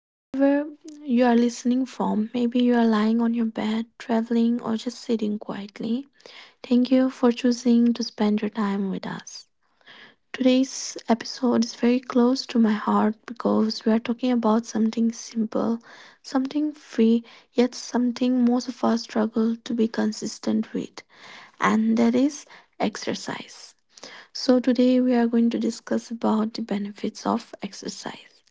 Whenever you are listening from, maybe you are lying on your bed, traveling, or just sitting quietly, thank you for choosing to spend your time with us. Today's episode is very close to my heart because we are talking about something simple, something free, yet something most of us struggle to be consistent with, and that is exercise. So today we are going to discuss about the benefits of exercise.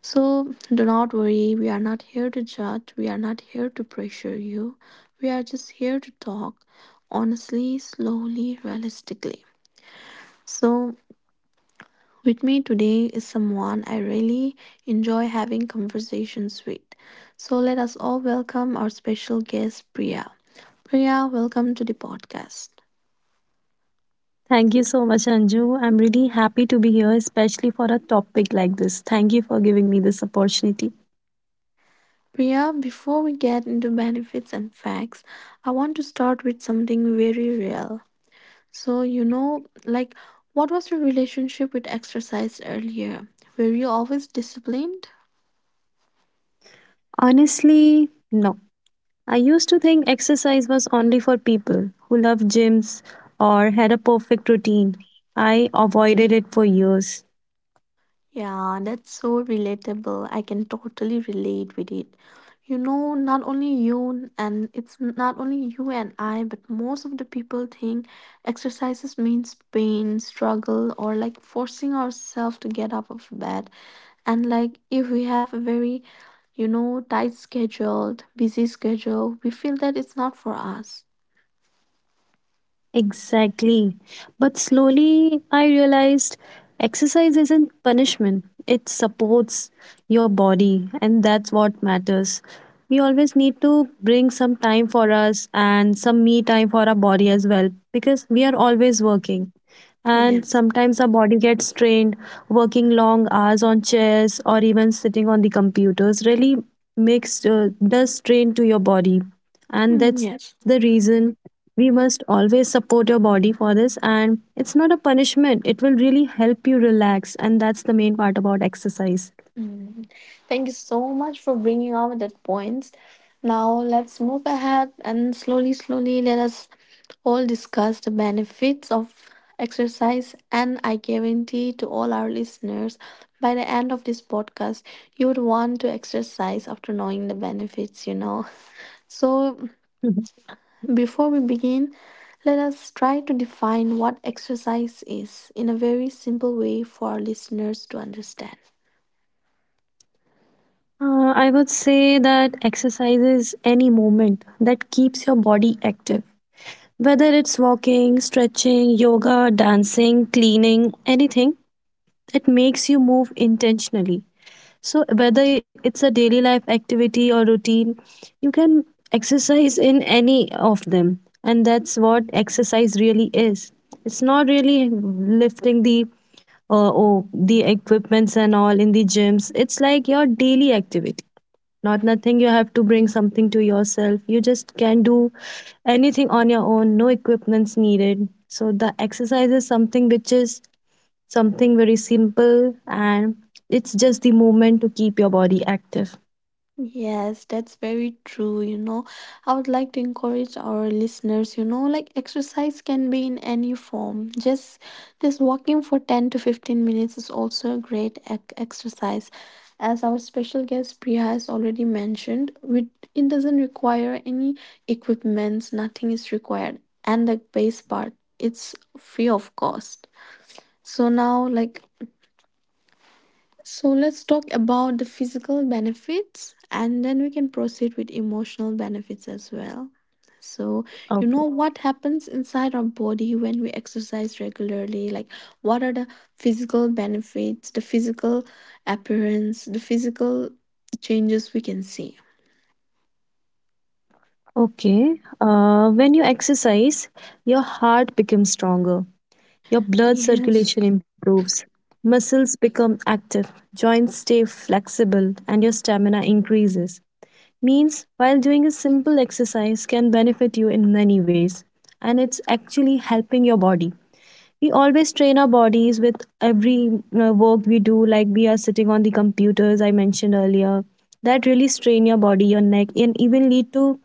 So do not worry, we are not here to judge, we are not here to pressure you. We are just here to talk honestly, slowly, realistically. So with me today is someone I really enjoy having conversations with. So let us all welcome our special guest Priya. Priya, welcome to the podcast. Thank you so much, Anju. I'm really happy to be here, especially for a topic like this. Thank you for giving me this opportunity. Priya, before we get into benefits and facts, I want to start with something very real. So, what was your relationship with exercise earlier? Were you always disciplined? Honestly, no. I used to think exercise was only for people who loved gyms or had a perfect routine. I avoided it for years. Yeah, that's so relatable. I can totally relate with it. You know, not only you and it's not only you and I, but most of the people think exercises means pain, struggle, or like forcing ourselves to get out of bed. And like if we have a very, you know, tight scheduled busy schedule, we feel that it's not for us. Exactly. But slowly I realized exercise isn't punishment, it supports your body, and that's what matters. We always need to bring some time for us and some me time for our body as well because we are always working, and Yes. sometimes our body gets strained working long hours on chairs or even sitting on the computers really makes, does strain to your body, and that's the Yes. reason we must always support your body for this. And it's not a punishment, it will really help you relax, and that's the main part about exercise. Mm. Thank you so much for bringing out that points. Now let's move ahead and slowly slowly let us all discuss the benefits of exercise, and I guarantee to all our listeners, by the end of this podcast you would want to exercise after knowing the benefits, so. Mhm. Before we begin, let us try to define what exercise is in a very simple way for our listeners to understand. I would say that exercise is any movement that keeps your body active. Whether it's walking, stretching, yoga, dancing, cleaning, anything, it makes you move intentionally. So, whether it's a daily life activity or routine, you can exercise in any of them. And that's what exercise really is. It's not really lifting the oh, the equipments and all in the gyms. It's like your daily activity. Not nothing you have to bring something to yourself. You just can do anything on your own, no equipments needed. So the exercise is something which is something very simple, and it's just the movement to keep your body active. Yes, that's very true. You know, I would like to encourage our listeners, you know, like exercise can be in any form. Just walking for 10 to 15 minutes is also a great exercise. As our special guest Priya has already mentioned, we, it doesn't require any equipments, nothing is required. And the base part, it's free of cost. So now like so let's talk about the physical benefits, and then we can proceed with emotional benefits as well. So, you know, Okay. what happens inside our body when we exercise regularly? Like, what are the physical benefits, the physical appearance, the physical changes we can see? Okay when you exercise, your heart becomes stronger, your blood Yes. circulation improves, muscles become active, joints stay flexible, and your stamina increases. Means while doing a simple exercise can benefit you in many ways, and it's actually helping your body. We always train our bodies with every work we do, like we are sitting on the computers I mentioned earlier. That really strain your body, your neck, and even lead to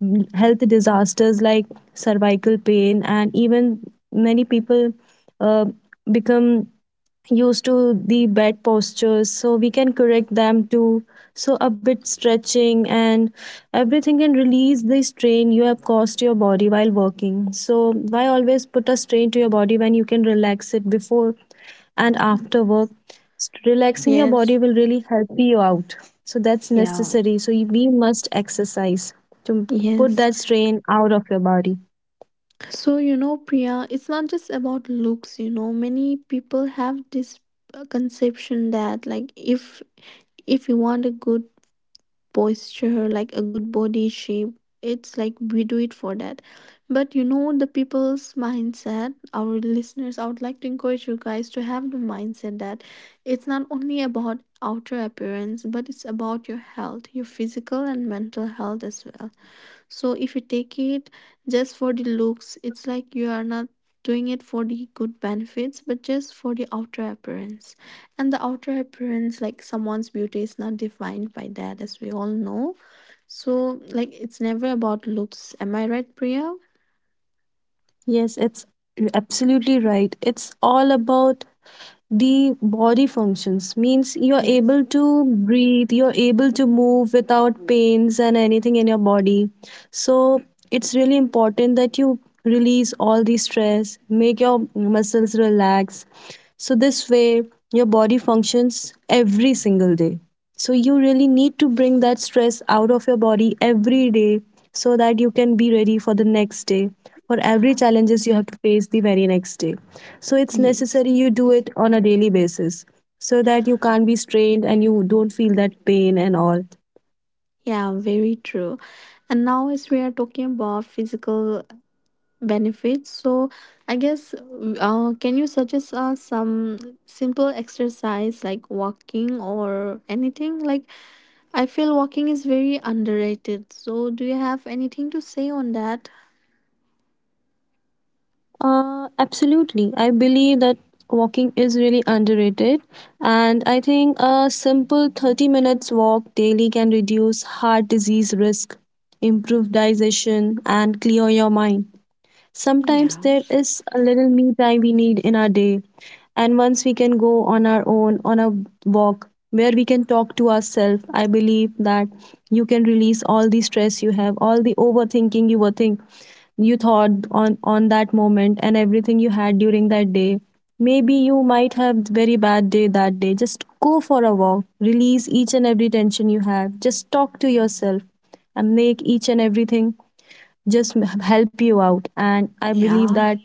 health disasters like cervical pain, and even many people uh, become used to the bed postures, so we can correct them too. So a bit stretching and everything can release the strain you have caused to your body while working. So why always put a strain to your body when you can relax it before and after work? Relaxing your Yes. body will really help you out, so that's Yeah. necessary. So we must exercise to put Yes. that strain out of your body. So, you know, Priya, it's not just about looks, you know. Many people have this conception that, like, if you want a good posture, like a good body shape, it's like we do it for that. But you know the people's mindset, our listeners, I would like to encourage you guys to have the mindset that it's not only about outer appearance, but it's about your health, your physical and mental health as well. So if you take it just for the looks, it's like you are not doing it for the good benefits, but just for the outer appearance. And the outer appearance, like someone's beauty is not defined by that, as we all know. So like it's never about looks. Am I right, Priya? Yes, it's absolutely right. It's all about the body functions. Means you're Yes. able to breathe, you're able to move without pains and anything in your body. So it's really important that you release all the stress, make your muscles relax. So, this way, your body functions every single day. So, you really need to bring that stress out of your body every day so that you can be ready for the next day, for every Yeah. challenges you have to face the very next day. So it's Yes. necessary you do it on a daily basis, so that you can't be strained and you don't feel that pain and all. Yeah, very true. And now, as we are talking about physical benefits. So, I guess, can you suggest us some simple exercise like walking or anything? Like, I feel walking is very underrated. So, do you have anything to say on that? Absolutely. I believe that walking is really underrated. And I think a simple 30 minutes walk daily can reduce heart disease risk, improve digestion, and clear your mind. Sometimes Yeah, there is a little me time we need in our day, and once we can go on our own on a walk where we can talk to ourselves, I believe that you can release all the stress you have, all the overthinking you were think you thought on that moment and everything you had during that day. Maybe you might have very bad day that day. Just go for a walk, release each and every tension you have, just talk to yourself and make each and everything just help you out. And I believe yeah, that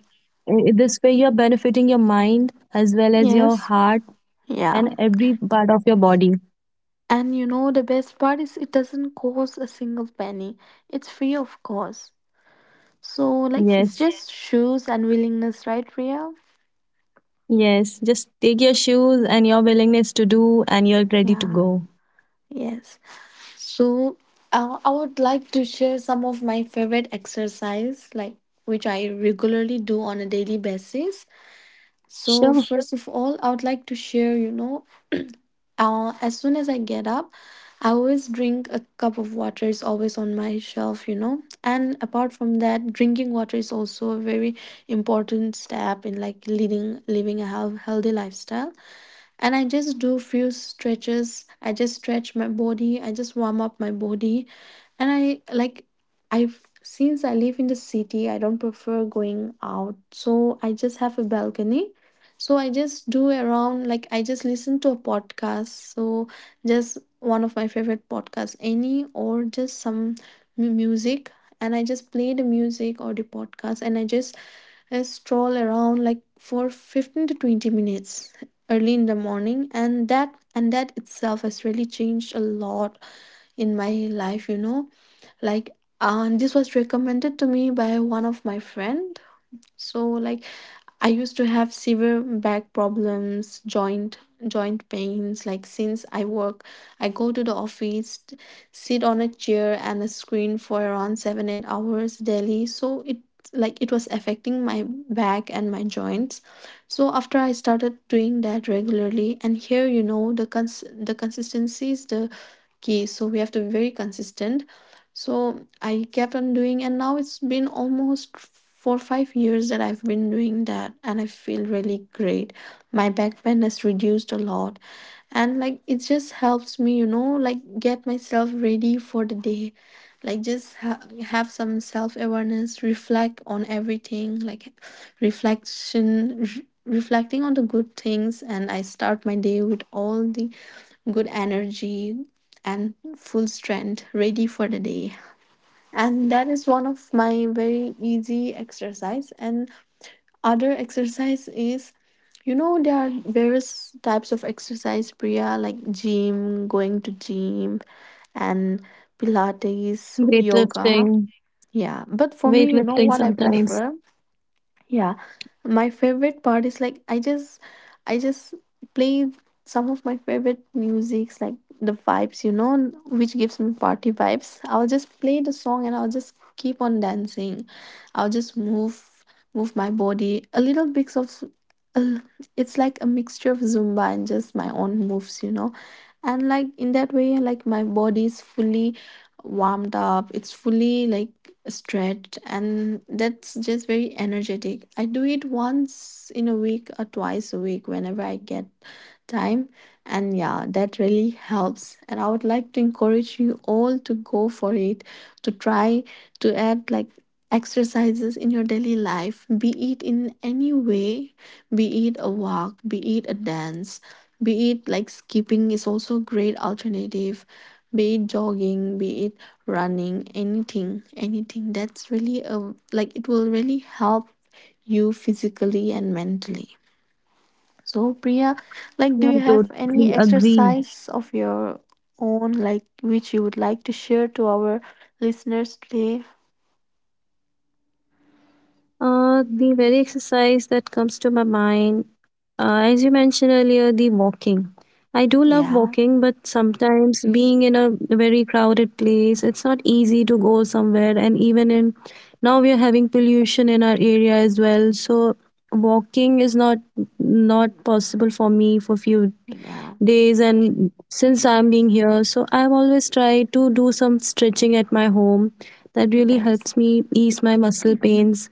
this way you're benefiting your mind as well as your yes, heart yeah. and every part of your body. And you know, the best part is it doesn't cost a single penny, it's free of cost. So, like, it's Yes, just shoes and willingness, right, Ria? yes, just take your shoes and your willingness to do, and you're ready to Yeah, go. yes. So I would like to share some of my favorite exercise, like which I regularly do on a daily basis. So Sure. first of all, I would like to share, you know, as soon as I get up, I always drink a cup of water. It's always on my shelf, you know. And apart from that, drinking water is also a very important step in like leading living a health, healthy lifestyle, and I just do few stretches. I just stretch my body. I just warm up my body, and I like, I've since I live in the city, I don't prefer going out, so I just have a balcony. So I just do around, like I just listen to a podcast. So just one of my favorite podcasts, any, or just some music, and I just play the music or the podcast, and I stroll around like for 15 to 20 minutes early in the morning, and that, and that itself has really changed a lot in my life, you know, like, and this was recommended to me by one of my friend. So like I used to have severe back problems, joint pains, like since I work, I go to the office, sit on a chair and a screen for around 7 8 hours daily, so it, like it was affecting my back and my joints. So after I started doing that regularly, and here you know the the consistency is the key, so we have to be very consistent. So I kept on doing, and now it's been almost 4 or 5 years that I've been doing that, and I feel really great. My back pain has reduced a lot, and like it just helps me, you know, like get myself ready for the day. Like have some self awareness, reflect on everything, like reflecting on the good things, and I start my day with all the good energy and full strength, ready for the day. And that is one of my very easy exercise, and other exercise is, you know, there are various types of exercise, Priya, like gym, going to gym, and pilates, Weightlifting. yoga. Yeah, but for me, you know Weightlifting what I sometimes. prefer, yeah, my favorite part is like I just play some of my favorite musics, like the vibes, you know, which gives me party vibes. I'll just play the song and I'll just keep on dancing. I'll just move move my body a little bit of uh, it's like a mixture of Zumba and just my own moves, you know. And like in that way, like my body is fully warmed up, it's fully like stretched, and that's just very energetic. I do it once in a week or twice a week whenever I get time. And yeah, that really helps, and I would like to encourage you all to go for it, to try to add like exercises in your daily life, be it in any way, be it a walk, be it a dance, be it like skipping is also a great alternative, be it jogging, be it running, anything, anything. That's really a like it will really help you physically and mentally. So Priya, like do Yeah, you I have totally any agree. exercise of your own like which you would like to share to our listeners today? The very exercise that comes to my mind, as you mentioned earlier, the walking. I do love Yeah, walking, but sometimes being in a very crowded place, it's not easy to go somewhere. And even in now, we are having pollution in our area as well. So walking is not possible for me for few yeah, days. And since I'm being here, so I've always tried to do some stretching at my home. That really yes. helps me ease my muscle Mhm. pains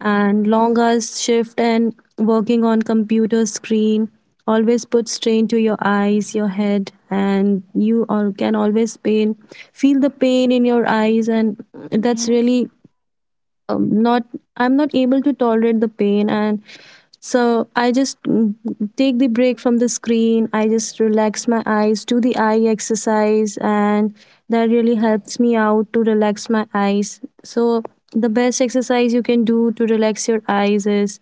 and long hours shift. And working on computer screen always puts strain to your eyes, your head, and you all can always pain, feel the pain in your eyes, and that's Yes. really not, I'm not able to tolerate the pain. And so I just take the break from the screen. I just relax my eyes, do the eye exercise, and that really helps me out to relax my eyes. So the best exercise you can do to relax your eyes is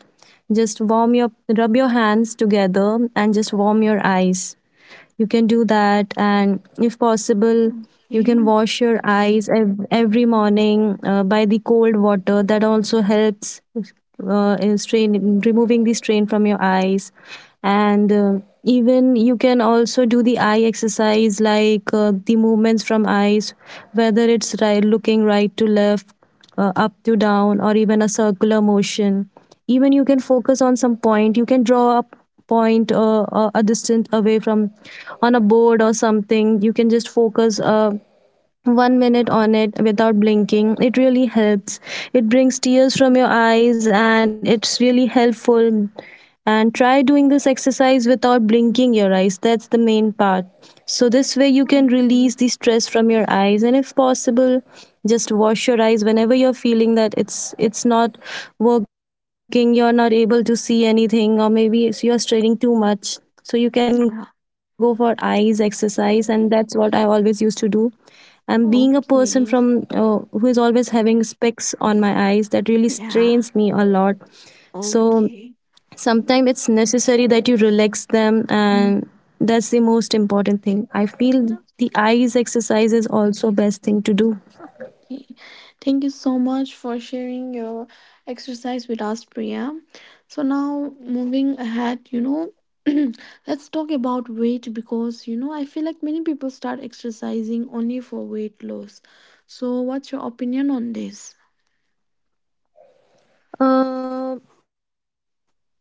just warm your, rub your hands together and just warm your eyes. You can do that. And if possible, you Okay. can wash your eyes every morning by the cold water. That also helps in strain, in removing the strain from your eyes. And even you can also do the eye exercise, like the movements from eyes, whether it's right, looking right to left, up to down, or even a circular motion. Even you can focus on some point. You can draw a point a distance away from, on a board or something. You can just focus 1 minute on it without blinking. It really helps. It brings tears from your eyes and it's really helpful. And try doing this exercise without blinking your eyes. That's the main part. So, this way you can Okay. release the stress from your eyes. And if possible, just wash your eyes whenever you're feeling that it's not working, you're not able to see anything, or maybe it's, you're straining too much. So Yeah. you can go for eyes exercise, and that's what I always used to do. I'm being a person from Okay. Who is always having specs on my eyes. That really Yeah. strains me a lot. So Okay. sometimes it's necessary that you relax them, Mm. and that's the most important thing. I feel the eyes exercise is also best thing to do. Okay. Thank you so much for sharing your exercise with us, Priya. So now moving ahead, you know, let's talk about weight because you know I feel like many people start exercising only for weight loss. So what's your opinion on this? Uh,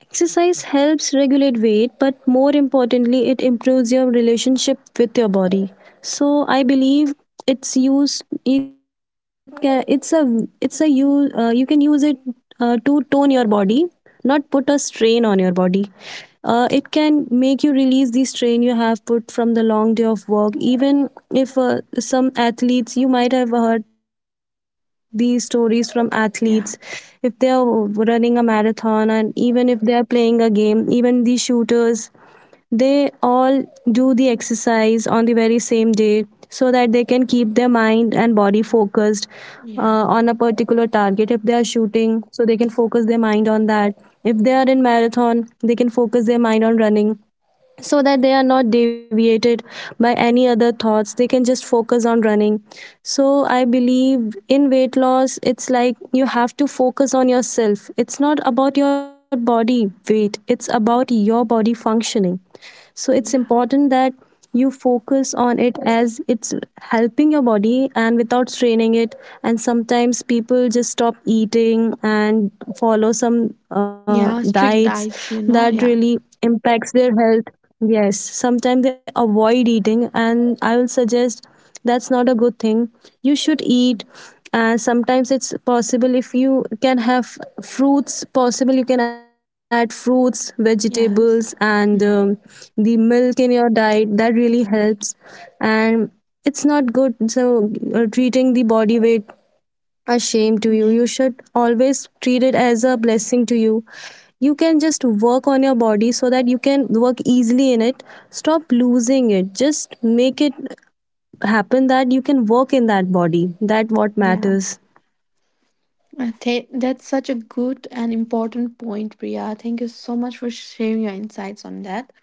Exercise helps regulate weight, but more importantly, it improves your relationship with your body. So I believe it's used. It can. It's a. It's a use. You can use it to tone your body, not put a strain on your body. It can make you release the strain you have put from the long day of work. Even if some athletes, you might have heard these stories from athletes, if they are Yeah. running a marathon, and even if they are playing a game, even the shooters, they all do the exercise on the very same day so that they can keep their mind and body focused uh, on a Yeah. particular target. If they are shooting, so they can focus their mind on that. If they are in marathon, they can focus their mind on running, so that they are not deviated by any other thoughts. They can just focus on running. So I believe in weight loss, it's like you have to focus on yourself. It's not about your body weight, it's about your body functioning. So it's Yeah. important that you focus on it, as it's helping your body without straining it. And sometimes people just stop eating and follow some Yeah. Strict diets diets, you know. that Yeah. really impacts their health. Yes, sometimes they avoid eating, and I will suggest that's not a good thing. You should eat. And sometimes it's possible if you can have fruits, possible you can add fruits, vegetables, Yes. and Mm. The milk in your diet. That really helps. And it's not good. So treating the body weight a shame to you, Yeah. you should always treat it as a blessing to you. You can just work on your body so that you can work easily in it. Stop losing it, just make it happen that you can work in that body. That what Yeah. matters. That's such a good and important point, Priya. Thank you so much for sharing your insights on that.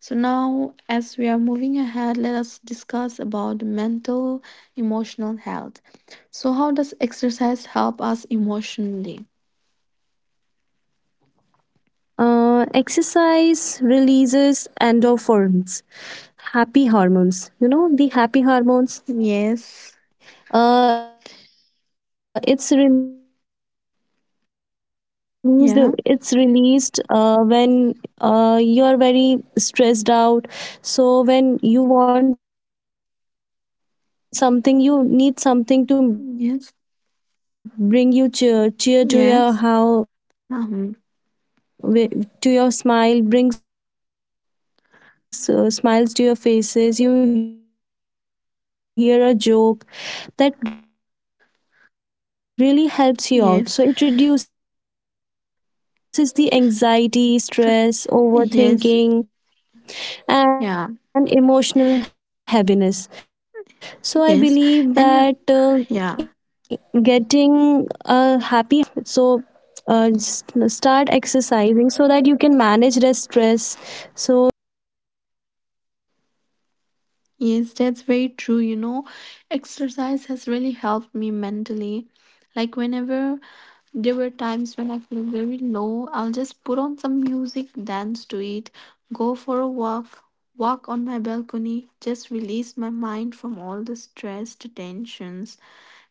So now, as we are moving ahead, let us discuss about mental, emotional health. So, how does exercise help us emotionally? Exercise releases endorphins, happy hormones, you know, the happy hormones. Yes. It's released, it's Yeah. released uh, when you're very stressed out. So when you want something, you need something to bring you cheer, cheer to your, how Yes. to your smile, brings smiles to your faces, Yes. you hear a joke, Um. that really helps you out. So it reduces the anxiety, stress, overthinking, and emotional heaviness. So, I believe that getting a happy hormone in your life, Yes. you should always be happy in your life. So, Stre- uh, s- Yes. start exercising so that you can Yeah. manage the stress. So, that I believe it really Yes. emotionally And you. helps to you. Yeah. Yes, that's very true. You know, exercise has really helped me mentally. Like, whenever there were times when I feel very low, I'll just put on some music, dance to it, go for a walk, walk on my balcony, just release my mind from all the stress, the tensions,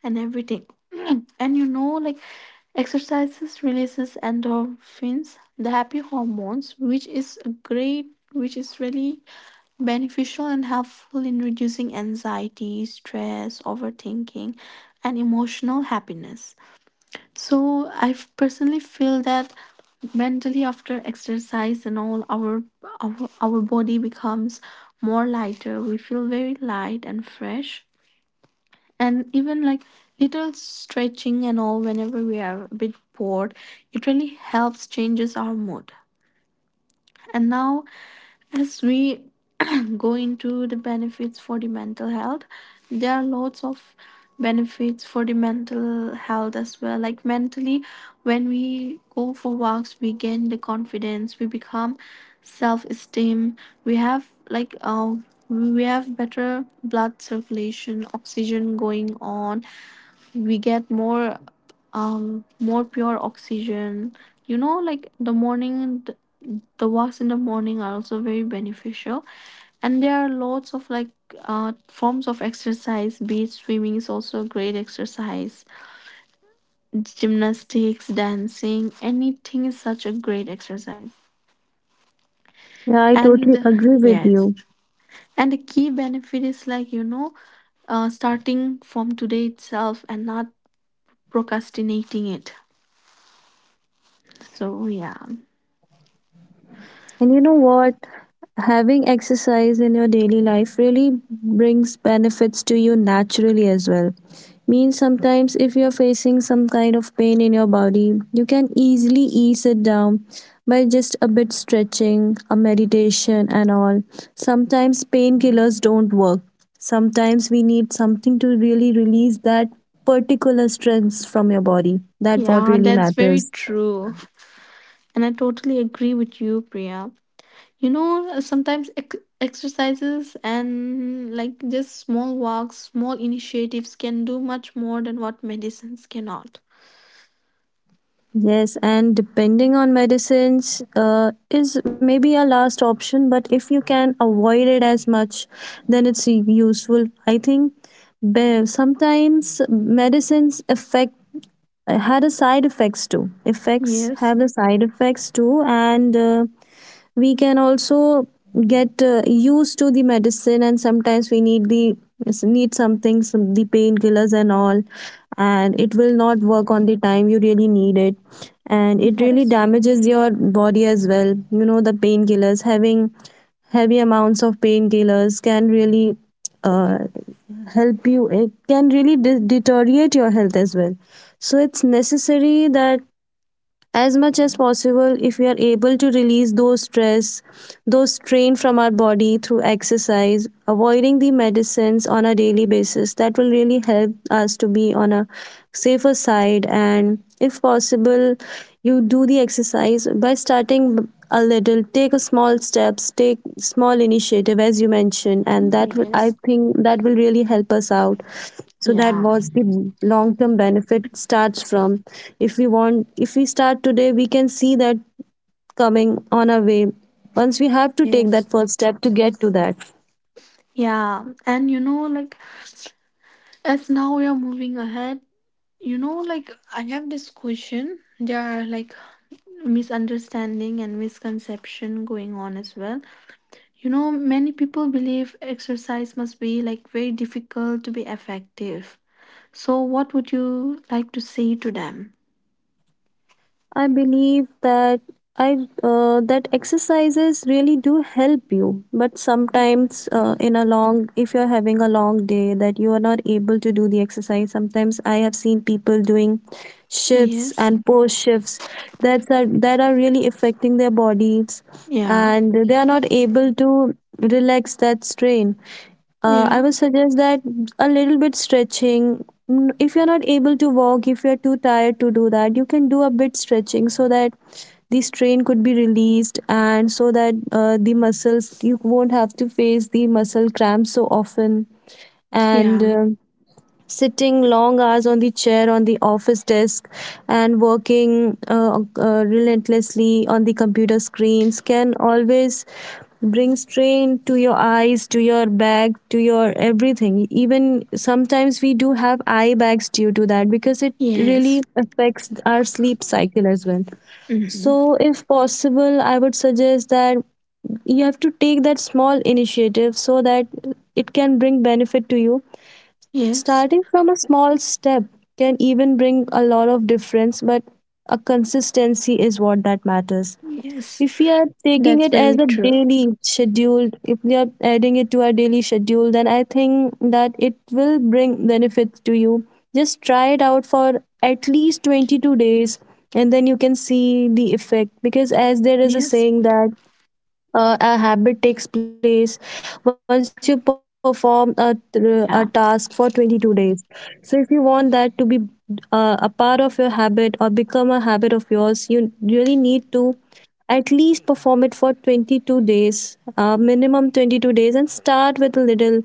and everything. And you know, like, exercises releases endorphins, the happy hormones, which is a great, which is really beneficial and helpful in reducing anxiety, stress, overthinking, and emotional happiness. So, personally feel that mentally after exercise and all our, our our body becomes more lighter. We feel very light and fresh, and even like little stretching and all, whenever we are a bit bored, it really helps, changes our mood. And now, as we go into the benefits for the mental health, there are lots of benefits for the mental health as well. Like mentally, when we go for walks, we gain the confidence, we become self-esteem, we have we have better blood circulation, oxygen going on. We get more more pure oxygen. You know, like the morning, the walks in the morning are also very beneficial. And there are lots of forms of exercise. Beach swimming is also a great exercise. Gymnastics, dancing, anything is such a great exercise. Yeah, I totally And agree with yes, you. and the key benefit is like, starting from today itself and not procrastinating it. So yeah. And you know what? Having exercise in your daily life really brings benefits to you naturally as well. Means sometimes if you're facing some kind of pain in your body, you can easily ease it down by just a bit stretching, a meditation, and all. Sometimes painkillers don't work. Sometimes we need something to really release that particular stress from your body. That what Yeah, really that's very matters. true, and I totally agree with you, Priya. You know, sometimes exercises and like just small walks, small initiatives can do much more than what medicines cannot. Yes, and depending on medicines is maybe a last option, but if you can avoid it as much, then it's useful. I think sometimes medicines affect had a side effects too. Effects Yes. have the side effects too, and we can also get used to the medicine, and sometimes we need the need something some the painkillers and all, and it will not work on the time you really need it. And it really Yes. damages your body as well. You know, the painkillers, having heavy amounts of painkillers can really uh, help you. It can really deteriorate your health as well. So it's necessary that as much as possible, if we are able to release those stress, those strain from our body through exercise, avoiding the medicines on a daily basis, that will really help us to be on a safer side. And if possible, you do the exercise by starting a little, take a small steps, take small initiative as you mentioned, and that will, I Yes. think that will really help us out. So that Yeah. was the long term benefit starts from, if we want, if we start today, we can see that coming on our way. Once we have to take Yes. that first step to get to that. Yeah, and you know, like as now we are moving ahead, you know, like I have this question. There are like misunderstanding and misconception going on as well. You know, many people believe exercise must be like very difficult to be effective. So, what would you like to say to them? I believe that I that exercises really do help you, but sometimes in a long, if you're having a long day that you are not able to do the exercise, sometimes I have seen people doing shifts Yes. and post shifts that are really affecting their bodies, Yeah. and they are not able to relax that strain. Yeah. I would suggest that a little bit stretching. If you're not able to walk, if you're too tired to do that, you can do a bit stretching so that the strain could be released, and so that the muscles, you won't have to face the muscle cramps so often. And Yeah. Sitting long hours on the chair, on the office desk, and working relentlessly on the computer screens can always bring strain to your eyes, to your back, to your everything. Even sometimes we do have eye bags due to that, because it really Yes. affects our sleep cycle as well. Hmm. So if possible, I would suggest that you have to take that small initiative so that it can bring benefit to you. Yes. Starting from a small step can even bring a lot of difference, but a consistency is what that matters. Yes. If we are taking That's it as very a true. daily schedule, if we are adding it to our daily schedule, then I think that it will bring benefits to you. Just try it out for at least 22 days, and then you can see the effect, because as there is a Yes. saying that a habit takes place once you perform a, a task for Yeah. 22 days. So, if you want that to be a part of your habit or become a habit of yours, you really need to at least perform it for 22 days, minimum 22 days, and start with a little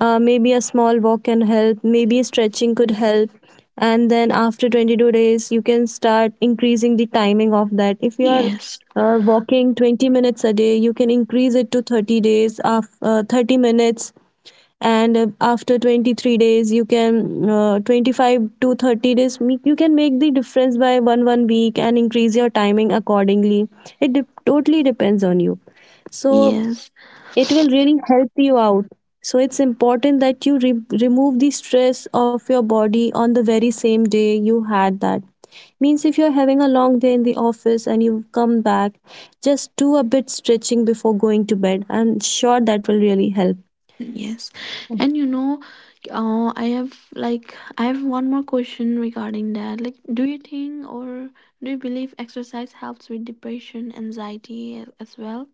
maybe a small walk can help, maybe stretching could help. And then after 22 days, you can start increasing the timing of that. If you are Yes. Walking 20 minutes a day, you can increase it to 30 days of 30 minutes. And after 23 days, you can 25 to 30 days, you can make the difference by one week and increase your timing accordingly. It totally depends on you. So Yes. it will really help you out. So it's important that you remove the stress of your body on the very same day you had that. Means if you're having a long day in the office and you come back, just do a bit stretching before going to bed. I'm sure that will really help. Yes. And you know, I have like I have one more question regarding that. Like, do you think, or do you believe exercise helps with depression, anxiety as well?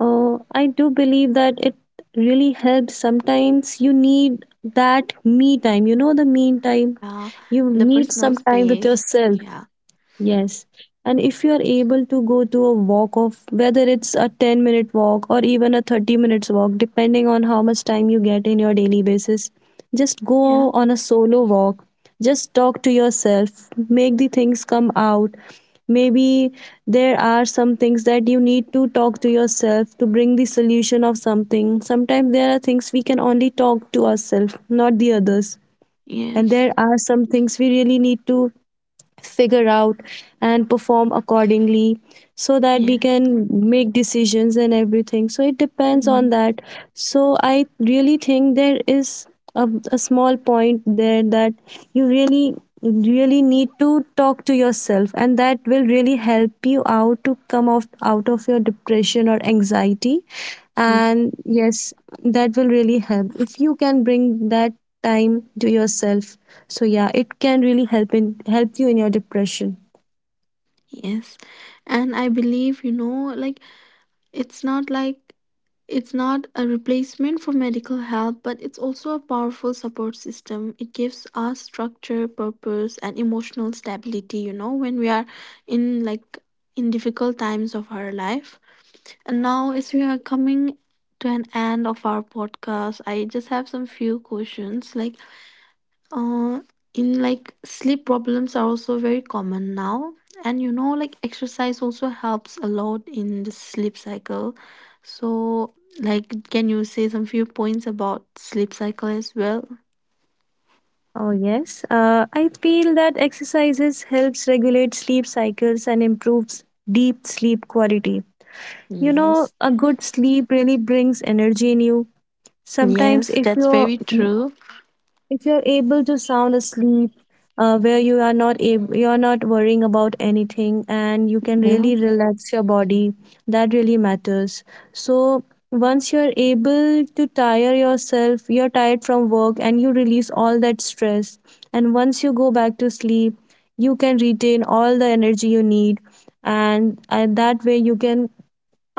I do believe that it really helps. Sometimes you need that me time. You know, the me time. Uh, You the need personal some time with space. yourself. Yeah. Yes. And if you are able to go to a walk of whether it's a 10-minute walk or even a 30 minutes walk, depending on how much time you get in your daily basis, just go Yeah. on a solo walk. Just talk to yourself, make the things come out. Maybe there are some things that you need to talk to yourself to bring the solution of something. Sometimes there are things we can only talk to ourselves, not the others. And Yes. there are some things we really need to figure out and perform accordingly, so that we Yes. can make decisions and everything. So it depends on Mm-hmm. that. So I really think there is a small point there that you really really need to talk to yourself, and that will really help you out to come off out of your depression or anxiety. Mm-hmm. And yes, that will really help if you can bring that time to yourself. So yeah, it can really help in help you in your depression. Yes. And I believe, you know, like it's not like, it's not a replacement for medical help, but it's also a powerful support system. It gives us structure, purpose, and emotional stability, you know, when we are in like in difficult times of our life. And now, as we are coming to an end of our podcast, I just have some few questions. Like, uh, in like sleep problems are also very common now, and you know, like exercise also helps a lot in the sleep cycle. So, like, can you say some few points about sleep cycle as well? Oh yes, I feel that exercises helps regulate sleep cycles and improves deep sleep quality. You know, Yes. a good sleep really brings energy in you. Sometimes Yes, if that's you very true. if you're able to sound asleep, where you are not you're not worrying about anything, and you can Yeah. really relax your body, that really matters. So once you're able to tire yourself, you're tired from work and you release all that stress, and once you go back to sleep, you can retain all the energy you need. And that way you can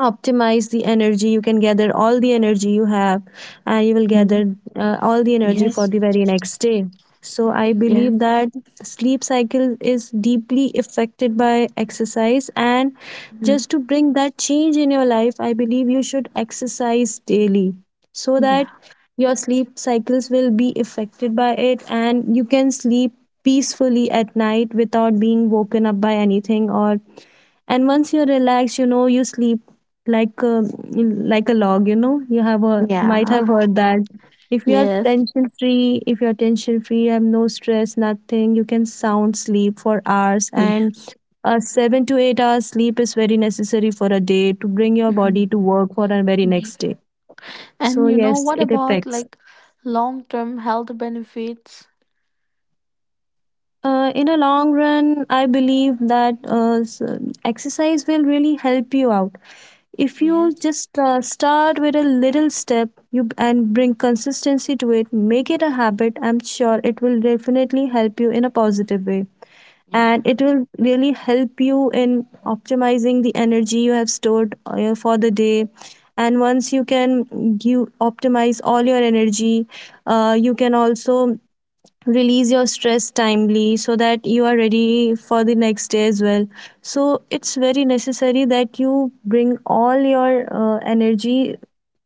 optimize the energy, you can gather all the energy you have, and you will Mm. gather all the energy for Yes. the very next day. So I Yes. believe that sleep cycle is deeply affected by exercise, and Mm. just to bring that change in your life, I believe you should exercise daily, so that Yeah. your sleep cycles will be affected by it, and you can sleep peacefully at night without being woken up by anything or. And once you relax, you know, you sleep like a, like a log. You know, you have a might Yeah. have heard that. If you are Yes. tension free, if you are tension free you have no stress, nothing, you can sound sleep for hours. Yes. And a 7 to 8 hours sleep is very necessary for a day to bring your Mhm. body to work for the very Yeah. next day. And So you know, yes, what it about affects. like long term health benefits? In a long run, I believe that exercise will really help you out. If you Yes. just start with a little step you and bring consistency to it, make it a habit, I'm sure it will definitely help you in a positive way. Yeah. And it will really help you in optimizing the energy you have stored for the day. And once you can you optimize all your energy, you can also release your stress timely, so that you are ready for the next day as well. So it's very necessary that you bring all your energy,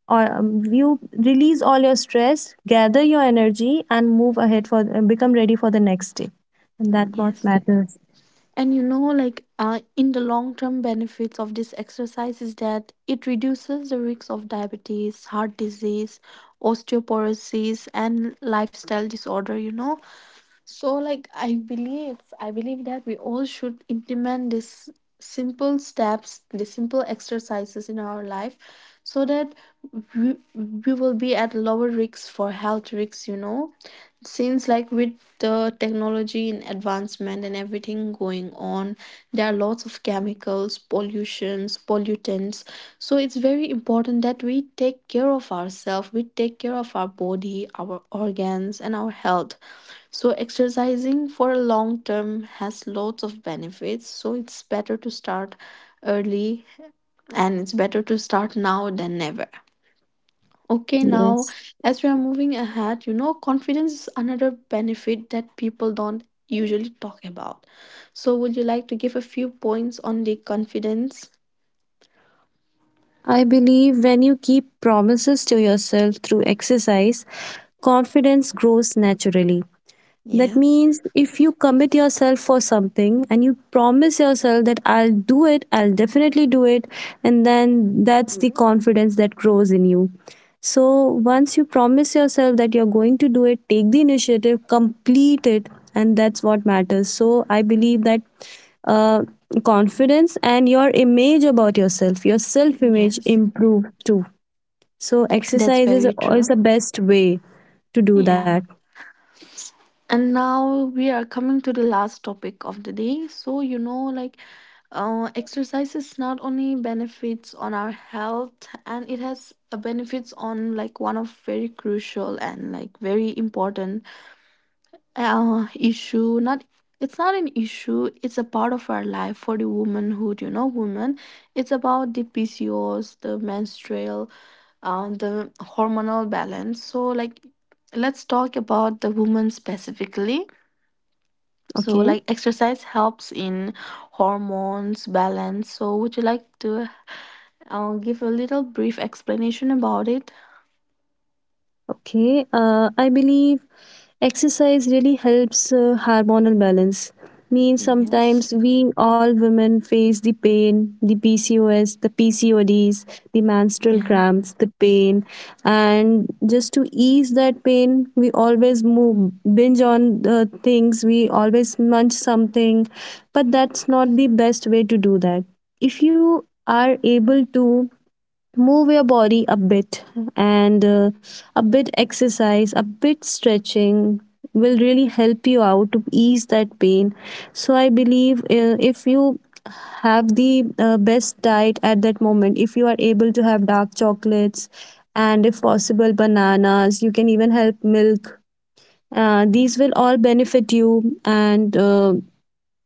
or you release all your stress, gather your energy and move ahead for become ready for the next day, and Mm, that what yes. matters. And you know, like in the long term benefits of this exercise is that it reduces the risks of diabetes, heart disease, osteoporosis, and lifestyle disorder, you know. So like I believe that we all should implement these simple steps, the simple exercises in our life, so that we will be at lower risks for health risks, you know, since like with the technology and advancement and everything going on, there are lots of chemicals, pollutions, pollutants. So it's very important that we take care of ourselves, we take care of our body, our organs, and our health. So, exercising for a long term has lots of benefits. So, it's better to start early, and it's better to start now than never. Okay, now, Yes, as we are moving ahead, you know, confidence is another benefit that people don't usually talk about. So, would you like to give a few points on the confidence? I believe when you keep promises to yourself through exercise, confidence grows naturally. That Yes, means if you commit yourself for something and you promise yourself that I'll do it, I'll definitely do it, and then that's the confidence that grows in you. So once you promise yourself that you're going to do it, take the initiative, complete it, and that's what matters. So I believe that uh, confidence and your image about yourself, your self image yes, improve too. So that's exercise very is true. the best way to do that. Yeah. And now we are coming to the last topic of the day. So, you know, like exercise is not only benefits on our health, and it has a benefits on like one of very crucial and like very important issue. Not, it's not an issue. It's a part of our life for the womanhood. You know, women. It's about the PCOS, the menstrual, the hormonal balance. So, like, let's talk about the woman specifically. So, Okay. like exercise helps in hormones balance. So, would you like to give a little brief explanation about it? Okay, I believe exercise really helps hormonal balance. Means Yes. sometimes we all women face the pain, the PCOS, the PCODs, the menstrual Yeah. cramps, the pain, and just to ease that pain, we always move binge on the things. We always munch something, but that's not the best way to do that. If you are able to move your body a bit and a bit exercise, a bit stretching will really help you out to ease that pain. So I believe if you have the best diet at that moment, if you are able to have dark chocolates and if possible bananas, you can even help milk. These will all benefit you. And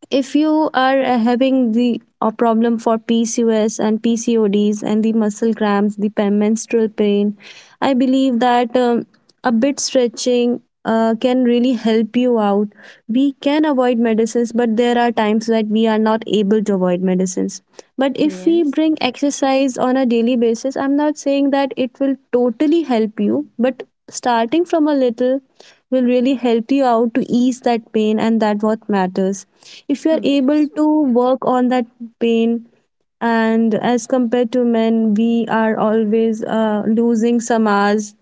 If you are having the a problem for PCOS and PCODs and the muscle cramps, the menstrual pain, I believe that a bit stretching can really help you out. We can avoid medicines, but there are times that we are not able to avoid medicines. But if we Yes. bring exercise on a daily basis, I'm not saying that it will totally help you, but starting from a little will really help you out to ease that pain, and that what matters. If you are able Yes. to work on that pain, and as compared to men, we are always losing some hours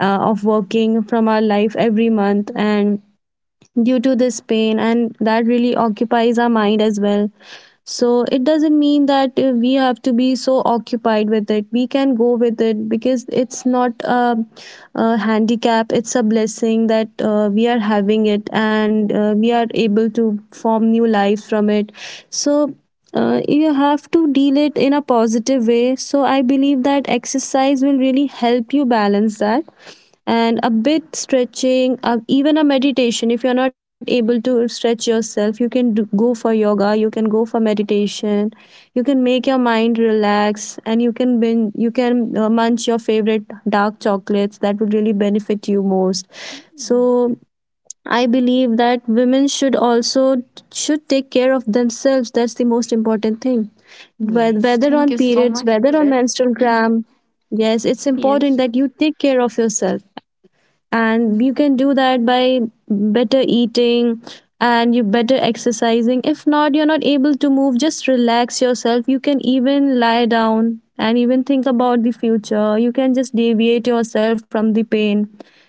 of working from our life every month, and due to this pain, and that really occupies our mind as well. So it doesn't mean that we have to be so occupied with it. We can go with it, because it's not a handicap, it's a blessing that we are having it, and we are able to form new life from it. So you have to deal it in a positive way. So I believe that exercise will really help you balance that, and a bit stretching, even a meditation. If you're not able to stretch yourself, you can go for yoga, you can go for meditation. You can make your mind relax, and you can you can munch your favorite dark chocolates. That would really benefit you most. Mm. So I believe that women should also should take care of themselves. That's the most important thing. Yes. Whether on Thank you so periods, much for whether on that. menstrual cramp, yes, it's important Yes. that you take care of yourself, and you can do that by better eating and you better exercising. If not, you're not able to move, just relax yourself. You can even lie down and even think about the future. You can just deviate yourself from the pain.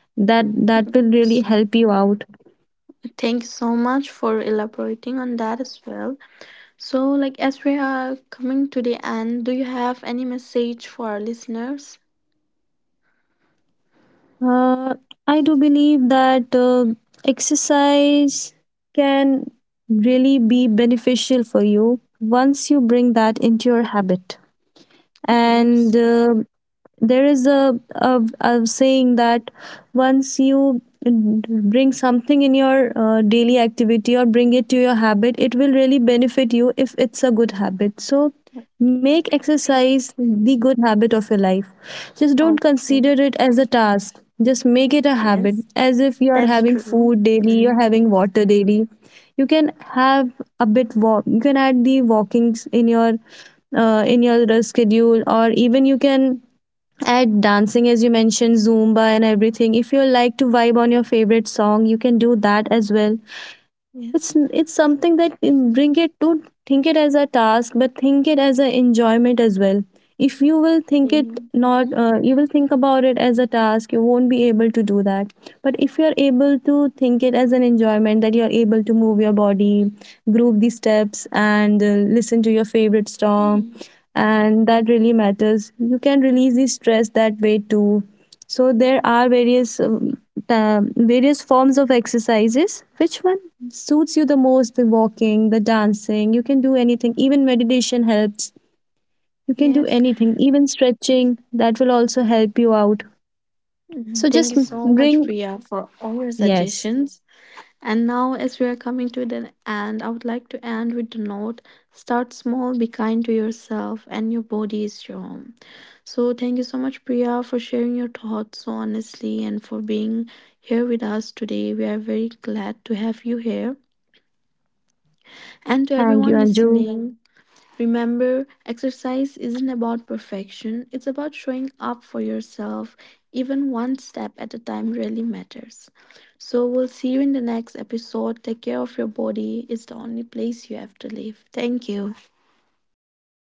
That will really Yes. help you out. Thank you so much for elaborating on that as well. So, like as we are coming to the end, do you have any message for our listeners? uh, I do believe that exercise can really be beneficial for you once you bring that into your habit. And Yes. There is a saying that once you bring something in your daily activity or bring it to your habit, it will really benefit you if it's a good habit. So Okay. make exercise the good habit of your life. Just don't Okay. consider it as a task. Just make it a habit, Yes. as if you are That's having true. food daily, you're Mm, having water daily. You can have a bit walk. You can add the walkings in your schedule, or even you can add dancing, as you mentioned zumba and everything. If you like to vibe on your favorite song, you can do that as well. it's yeah. it's something that bring it to, think it as a task, but think it as an enjoyment as well. If you will think Yeah. it, not you will about it as a task, you won't be able to do that. But if you are able to think it as an enjoyment, that you are able to move your body, groove the steps, and listen to your favorite song, Mm, and that really matters. You can release the stress that way too. So there are various various forms of exercises. Which one suits you the most? The walking, the dancing, you can do anything. Even meditation helps. You can do yes. anything, even stretching, that will also help you out. So Mm, just thank you so bring, much, Priya, for all your yes. suggestions. And now, as we are coming to the end, I would like to end with the note: start small, be kind to yourself, and your body is your home. So, thank you so much, Priya, for sharing your thoughts so honestly and for being here with us today. We are very glad to have you here. And to Thank you, everyone Anju. listening, remember, exercise isn't about perfection, it's about showing up for yourself. Even one step at a time really matters. So, we'll see you in the next episode. Take care of your body, it's the only place you have to live. Thank you. Thank you.